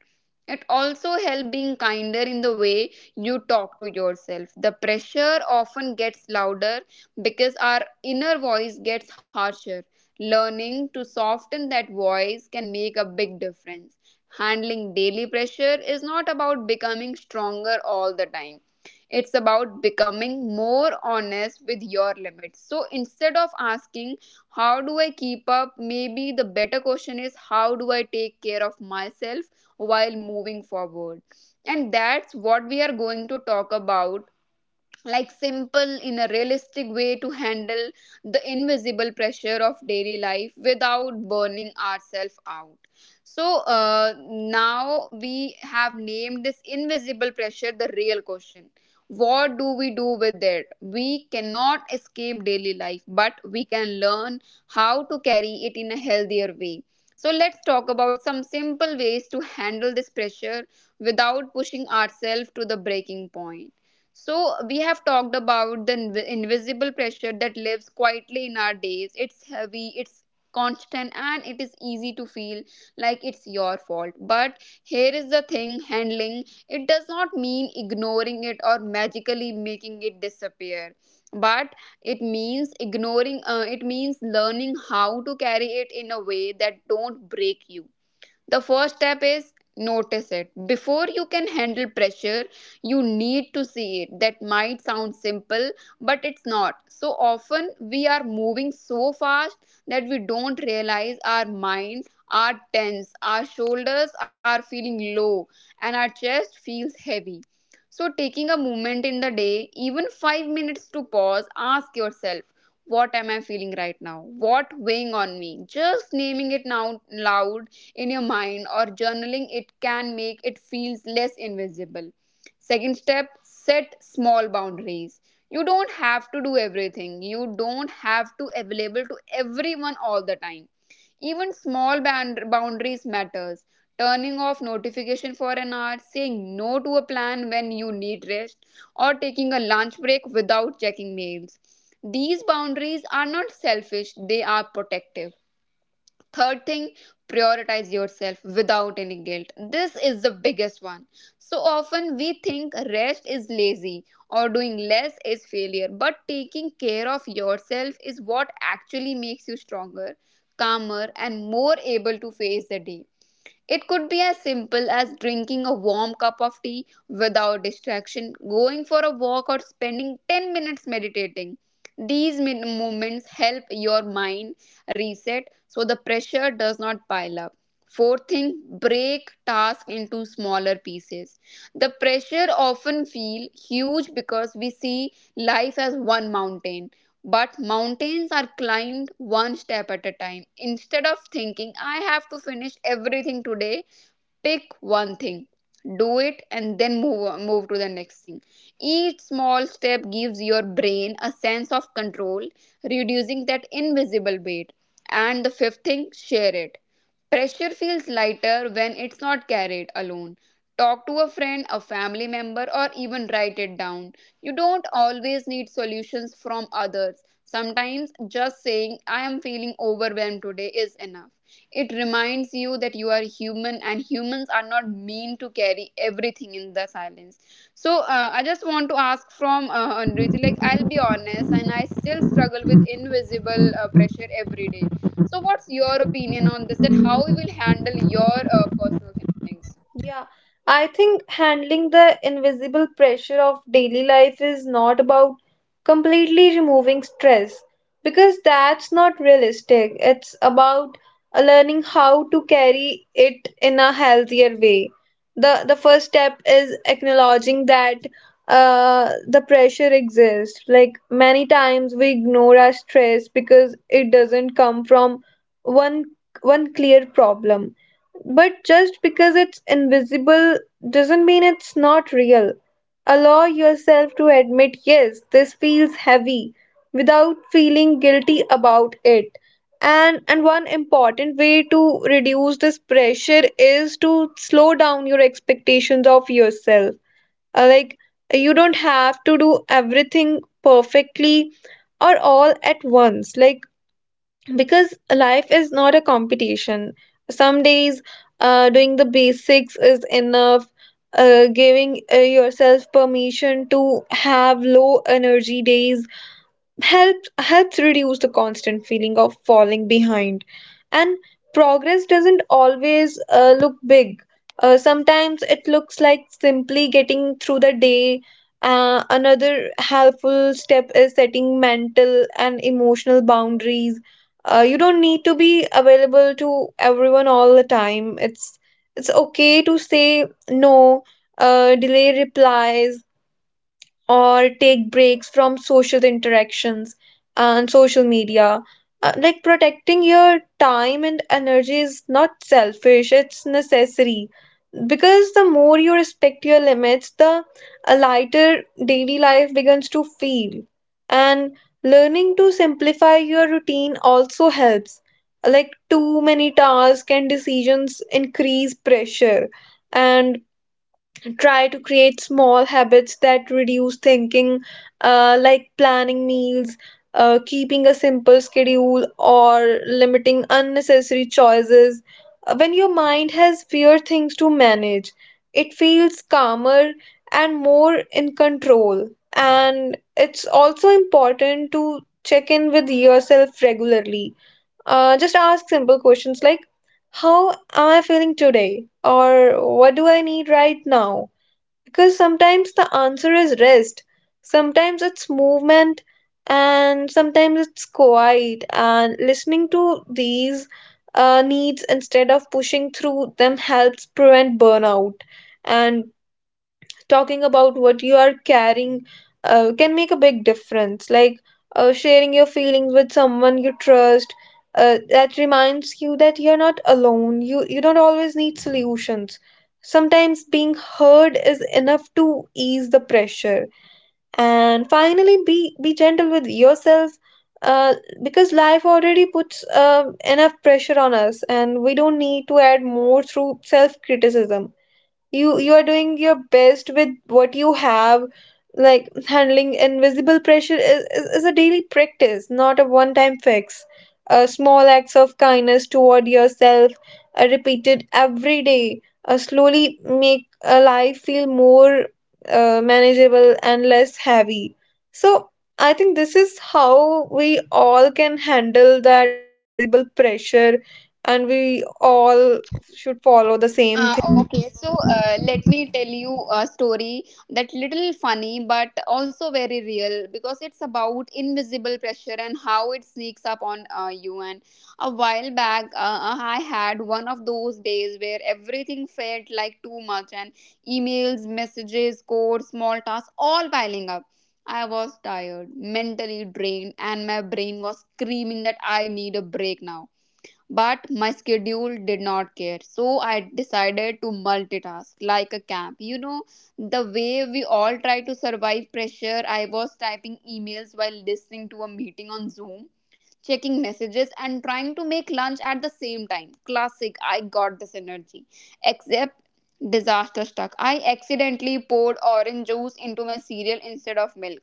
A: It also helps being kinder in the way you talk to yourself. The pressure often gets louder because our inner voice gets harsher. Learning to soften that voice can make a big difference. Handling daily pressure is not about becoming stronger all the time, it's about becoming more honest with your limits. So instead of asking, How do I keep up? Maybe the better question is, How do I take care of myself while moving forward? And that's what we are going to talk about, like simple in a realistic way to handle the invisible pressure of daily life without burning ourselves out. So uh, now we have named this invisible pressure, the real question, what do we do with it? We cannot escape daily life, but we can learn how to carry it in a healthier way. So let's talk about some simple ways to handle this pressure without pushing ourselves to the breaking point. So, we have talked about the inv- invisible pressure that lives quietly in our days. It's heavy, it's constant, and it is easy to feel like it's your fault. But here is the thing, handling it does not mean ignoring it or magically making it disappear. But it means ignoring, uh, it means learning how to carry it in a way that don't break you. The first step is notice it. Before you can handle pressure, you need to see it. That might sound simple, but it's not. So often we are moving so fast that we don't realize our mind are tense, our shoulders are feeling low, and our chest feels heavy. So, taking a moment in the day, even five minutes to pause, ask yourself, What am I feeling right now? What weighing on me? Just naming it now loud in your mind or journaling it can make it feels less invisible. Second step, set small boundaries. You don't have to do everything, you don't have to available to everyone all the time. Even small bound- boundaries matters. Turning off notification for an hour, saying no to a plan when you need rest, or taking a lunch break without checking mails. These boundaries are not selfish, they are protective. Third thing, prioritize yourself without any guilt. This is the biggest one. So often we think rest is lazy or doing less is failure, but taking care of yourself is what actually makes you stronger, calmer, and more able to face the day. It could be as simple as drinking a warm cup of tea without distraction, going for a walk, or spending ten minutes meditating. These min- moments help your mind reset so the pressure does not pile up. Fourth thing, break tasks into smaller pieces. The pressure often feel huge because we see life as one mountain, but mountains are climbed one step at a time. Instead of thinking, I have to finish everything today, pick one thing, do it, and then move move to the next thing. Each small step gives your brain a sense of control, reducing that invisible weight. And the fifth thing, share it. Pressure feels lighter when it's not carried alone. Talk to a friend, a family member, or even write it down. You don't always need solutions from others. Sometimes just saying, I am feeling overwhelmed today, is enough. It reminds you that you are human, and humans are not mean to carry everything in the silence. So uh, I just want to ask from uh, Anriti, like, I'll be honest, and I still struggle with invisible uh, pressure every day. So what's your opinion on this? That how we will handle your uh, personal things?
B: Yeah, I think handling the invisible pressure of daily life is not about completely removing stress, because that's not realistic. It's about uh, learning how to carry it in a healthier way. The the first step is acknowledging that uh, the pressure exists. Like, many times we ignore our stress because it doesn't come from one one clear problem, but just because it's invisible doesn't mean it's not real. Allow yourself to admit, yes, this feels heavy without feeling guilty about it. And and one important way to reduce this pressure is to slow down your expectations of yourself. Uh, Like, you don't have to do everything perfectly or all at once. Like, because life is not a competition. Some days, uh, doing the basics is enough. Uh, giving uh, yourself permission to have low energy days help helps reduce the constant feeling of falling behind. And progress doesn't always uh, look big. Uh, sometimes it looks like simply getting through the day. Uh, another helpful step is setting mental and emotional boundaries. Uh, you don't need to be available to everyone all the time. It's it's okay to say no, uh, delay replies, or take breaks from social interactions and social media. Uh, like, protecting your time and energy is not selfish, it's necessary. Because the more you respect your limits, the a lighter daily life begins to feel. And learning to simplify your routine also helps. Like, too many tasks and decisions increase pressure. And try to create small habits that reduce thinking, uh, like planning meals, uh, keeping a simple schedule, or limiting unnecessary choices. Uh, When your mind has fewer things to manage, it feels calmer and more in control. And it's also important to check in with yourself regularly. Uh, just ask simple questions like, how am I feeling today? Or what do I need right now? Because sometimes the answer is rest, sometimes it's movement, and sometimes it's quiet. And listening to these uh, needs instead of pushing through them helps prevent burnout. And talking about what you are carrying uh, can make a big difference. Like, uh, sharing your feelings with someone you trust, uh, that reminds you that you're not alone. You you don't always need solutions. Sometimes being heard is enough to ease the pressure. And finally, be be gentle with yourself. Uh, because life already puts uh, enough pressure on us, and we don't need to add more through self criticism. you you are doing your best with what you have. Like, handling invisible pressure is, is, is a daily practice, not a one time fix. A small acts of kindness toward yourself, uh, repeated every day, uh, slowly make a life feel more uh, manageable and less heavy. So I think this is how we all can handle that invisible pressure, and we all should follow the same
A: Uh,
B: thing.
A: okay, so uh, let me tell you a story that little funny but also very real because it's about invisible pressure and how it sneaks up on uh, you. And a while back, uh, uh, I had one of those days where everything felt like too much, and emails, messages, codes, small tasks all piling up. I was tired, mentally drained, and my brain was screaming that I need a break now, but my schedule did not care. So I decided to multitask like a camp. You know, the way we all try to survive pressure, I was typing emails while listening to a meeting on Zoom, checking messages, and trying to make lunch at the same time. Classic, I got this energy. Except disaster struck. I accidentally poured orange juice into my cereal instead of milk.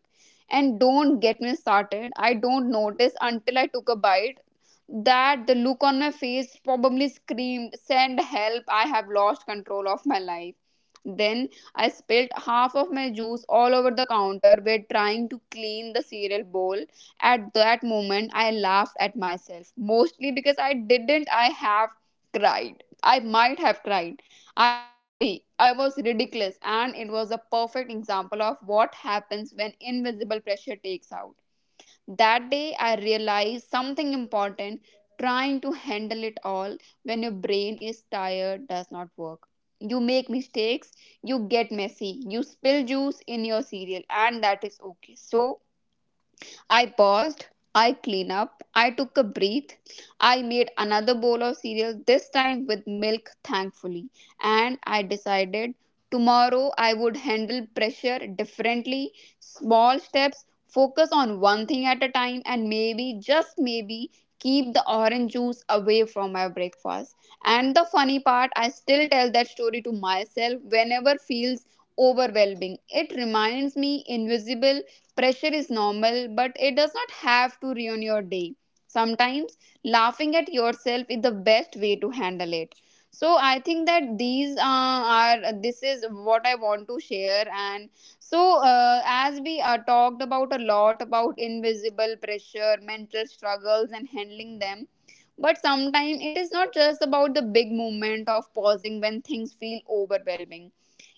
A: And don't get me started. I don't notice until I took a bite that the look on my face probably screamed, Send help, I have lost control of my life. Then I spilled half of my juice all over the counter while trying to clean the cereal bowl. At that moment, I laughed at myself, mostly because I didn't, I have cried. I might have cried. I was silly, I was ridiculous, and it was a perfect example of what happens when invisible pressure takes out. That day, I realized something important. Trying to handle it all when your brain is tired does not work. You make mistakes, you get messy, you spill juice in your cereal, and that is okay. So, I paused, I cleaned up, I took a breath, I made another bowl of cereal, this time with milk, thankfully, and I decided tomorrow I would handle pressure differently. Small steps, focus on one thing at a time, and maybe, just maybe, keep the orange juice away from my breakfast. And the funny part, I still tell that story to myself whenever feels overwhelming. It reminds me, invisible Pressure is normal, but it does not have to ruin your day. Sometimes laughing at yourself is the best way to handle it. So I think that these uh, are this is what I want to share. And so uh, as we uh, talked about a lot about invisible pressure, mental struggles, and handling them, but sometimes it is not just about the big moment of pausing when things feel overwhelming.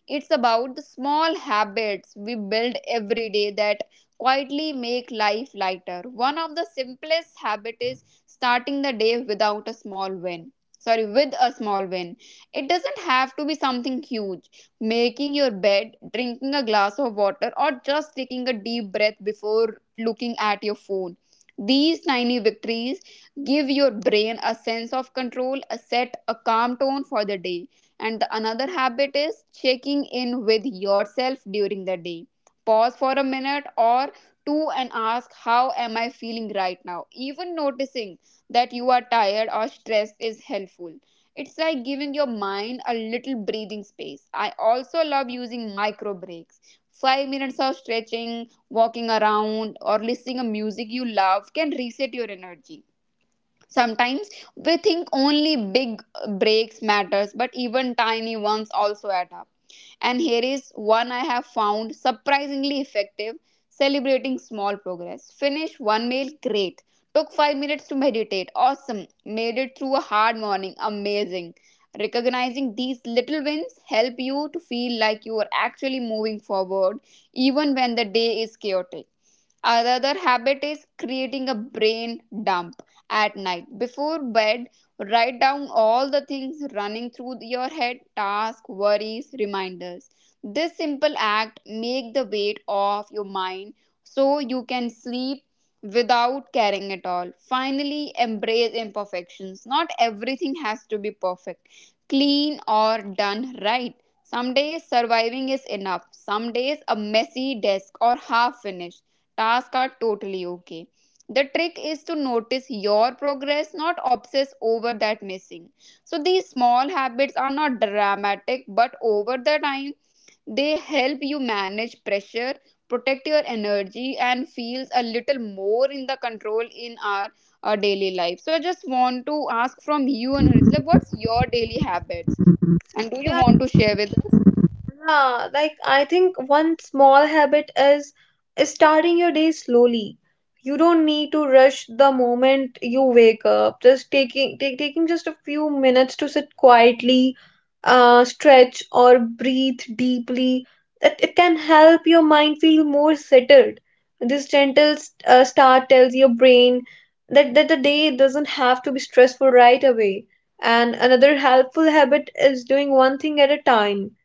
A: It's about the small habits we build every day that quietly make life lighter. One of the simplest habits is starting the day without a small win. Sorry, with a small win. It doesn't have to be something huge. Making your bed, drinking a glass of water, or just taking a deep breath before looking at your phone. These tiny victories give your brain a sense of control, a set, a calm tone for the day. And the another habit is checking in with yourself during the day. Pause for a minute or two and ask, how am I feeling right now? Even noticing that you are tired or stressed is helpful. It's like giving your mind a little breathing space. I also love using micro breaks. Five minutes of stretching, walking around, or listening to music you love can reset your energy. Sometimes we think only big breaks matters, but even tiny ones also add up. And here is one I have found surprisingly effective, celebrating small progress. Finish one meal, great. Took five minutes to meditate, awesome. Made it through a hard morning, amazing. Recognizing these little wins help you to feel like you are actually moving forward even when the day is chaotic. Another habit is creating a brain dump at night. Before bed, write down all the things running through your head, tasks, worries, reminders. This simple act make the weight off your mind so you can sleep without carrying it all. Finally, embrace imperfections. Not everything has to be perfect, clean or done right. Some days surviving is enough. Some days a messy desk or half finished tasks are totally okay. The trick is to notice your progress, not obsess over that missing. So these small habits are not dramatic, but over the time, they help you manage pressure, protect your energy, and feels a little more in the control in our uh, daily life. So I just want to ask from you, Anuritha, like, what's your daily habits, and do you want to share with us?
B: Yeah, like I think one small habit is starting your day slowly. You don't need to rush the moment you wake up. Just taking take, taking just a few minutes to sit quietly, uh, stretch or breathe deeply. It, it can help your mind feel more settled. This gentle uh, start tells your brain that, that the day doesn't have to be stressful right away. And another helpful habit is doing one thing at a time.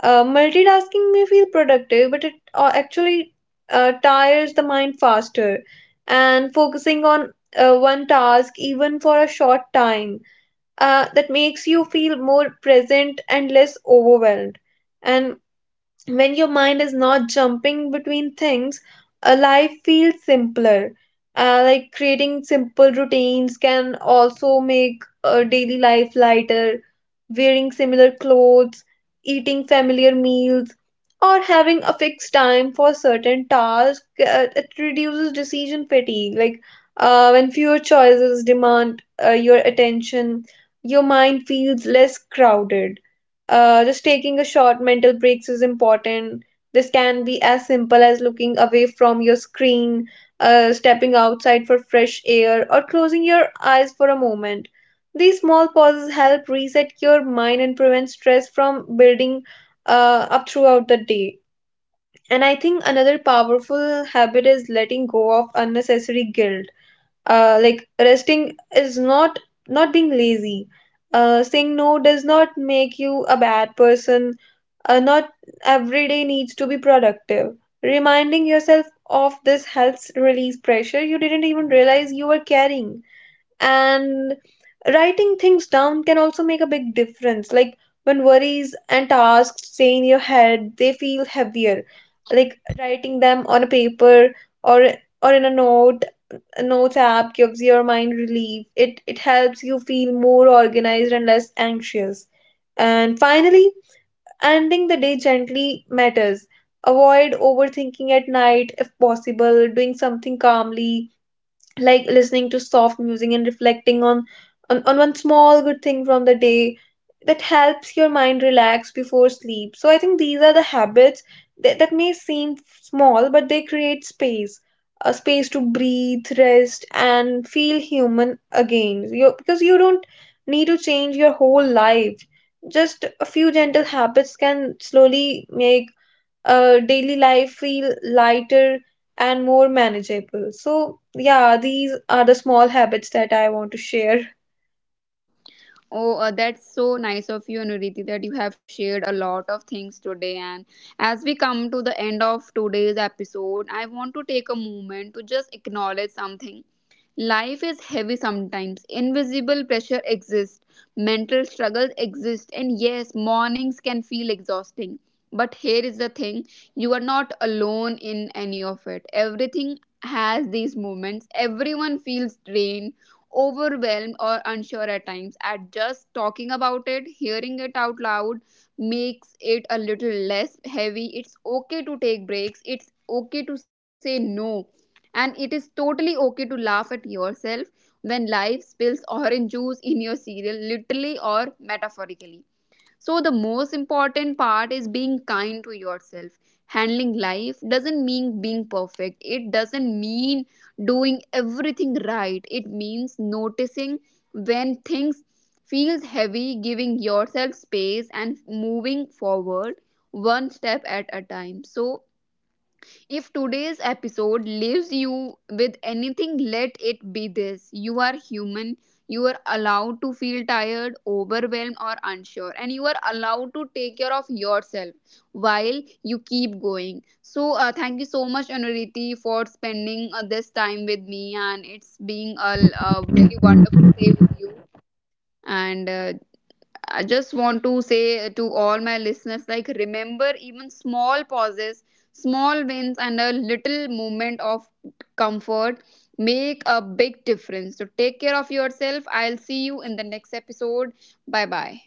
B: uh, Multitasking may feel productive, but it uh, actually uh, tires the mind faster. And focusing on uh, one task, even for a short time, uh, that makes you feel more present and less overwhelmed. And when your mind is not jumping between things, a life feels simpler. Uh, like, creating simple routines can also make a daily life lighter. Wearing similar clothes, eating familiar meals, or having a fixed time for certain tasks, uh, it reduces decision fatigue. Like, uh, when fewer choices demand uh, your attention, your mind feels less crowded. Uh, just taking a short mental breaks is important. This can be as simple as looking away from your screen, uh, stepping outside for fresh air, or closing your eyes for a moment. These small pauses help reset your mind and prevent stress from building uh, up throughout the day. And I think another powerful habit is letting go of unnecessary guilt. Uh, like, resting is not not being lazy. Uh, saying no does not make you a bad person. Uh, not every day needs to be productive. Reminding yourself of this helps release pressure you didn't even realize you were carrying. And writing things down can also make a big difference. Like, when worries and tasks stay in your head, they feel heavier. Like writing them on a paper, or or in a note, a notes app, gives your mind relief. It it helps you feel more organized and less anxious. And finally, ending the day gently matters. Avoid overthinking at night. If possible, doing something calmly like listening to soft music and reflecting on, on on one small good thing from the day, that helps your mind relax before sleep. So I think these are the habits that, that may seem small, but they create space, a space to breathe, rest, and feel human again. You, because you don't need to change your whole life, just a few gentle habits can slowly make uh, daily life feel lighter and more manageable. So, yeah, these are the small habits that I want to share.
A: Oh, uh, that's so nice of you, Nuriti, that you have shared a lot of things today. And as we come to the end of today's episode, I want to take a moment to just acknowledge something. Life is heavy sometimes. Invisible pressure exists. Mental struggles exist. And yes, mornings can feel exhausting. But here is the thing, you are not alone in any of it. Everything has these moments. Everyone feels drained, overwhelmed, or unsure at times. At just talking about it, hearing it out loud makes it a little less heavy. It's okay to take breaks. It's okay to say no, and it is totally okay to laugh at yourself when life spills [LAUGHS] orange juice in your cereal, literally or metaphorically. So, the most important part is being kind to yourself. Handling life doesn't mean being perfect, it doesn't mean doing everything right. It means noticing when things feels heavy, giving yourself space and moving forward one step at a time. So if today's episode leaves you with anything, let it be this. You are human. You are allowed to feel tired, overwhelmed, or unsure. And you are allowed to take care of yourself while you keep going. So, uh, thank you so much, Anuriti, for spending uh, this time with me. And it's being a, a very wonderful day with you. And uh, I just want to say to all my listeners, like, remember, even small pauses, small wins and a little moment of comfort make a big difference. So take care of yourself. I'll see you in the next episode. Bye bye.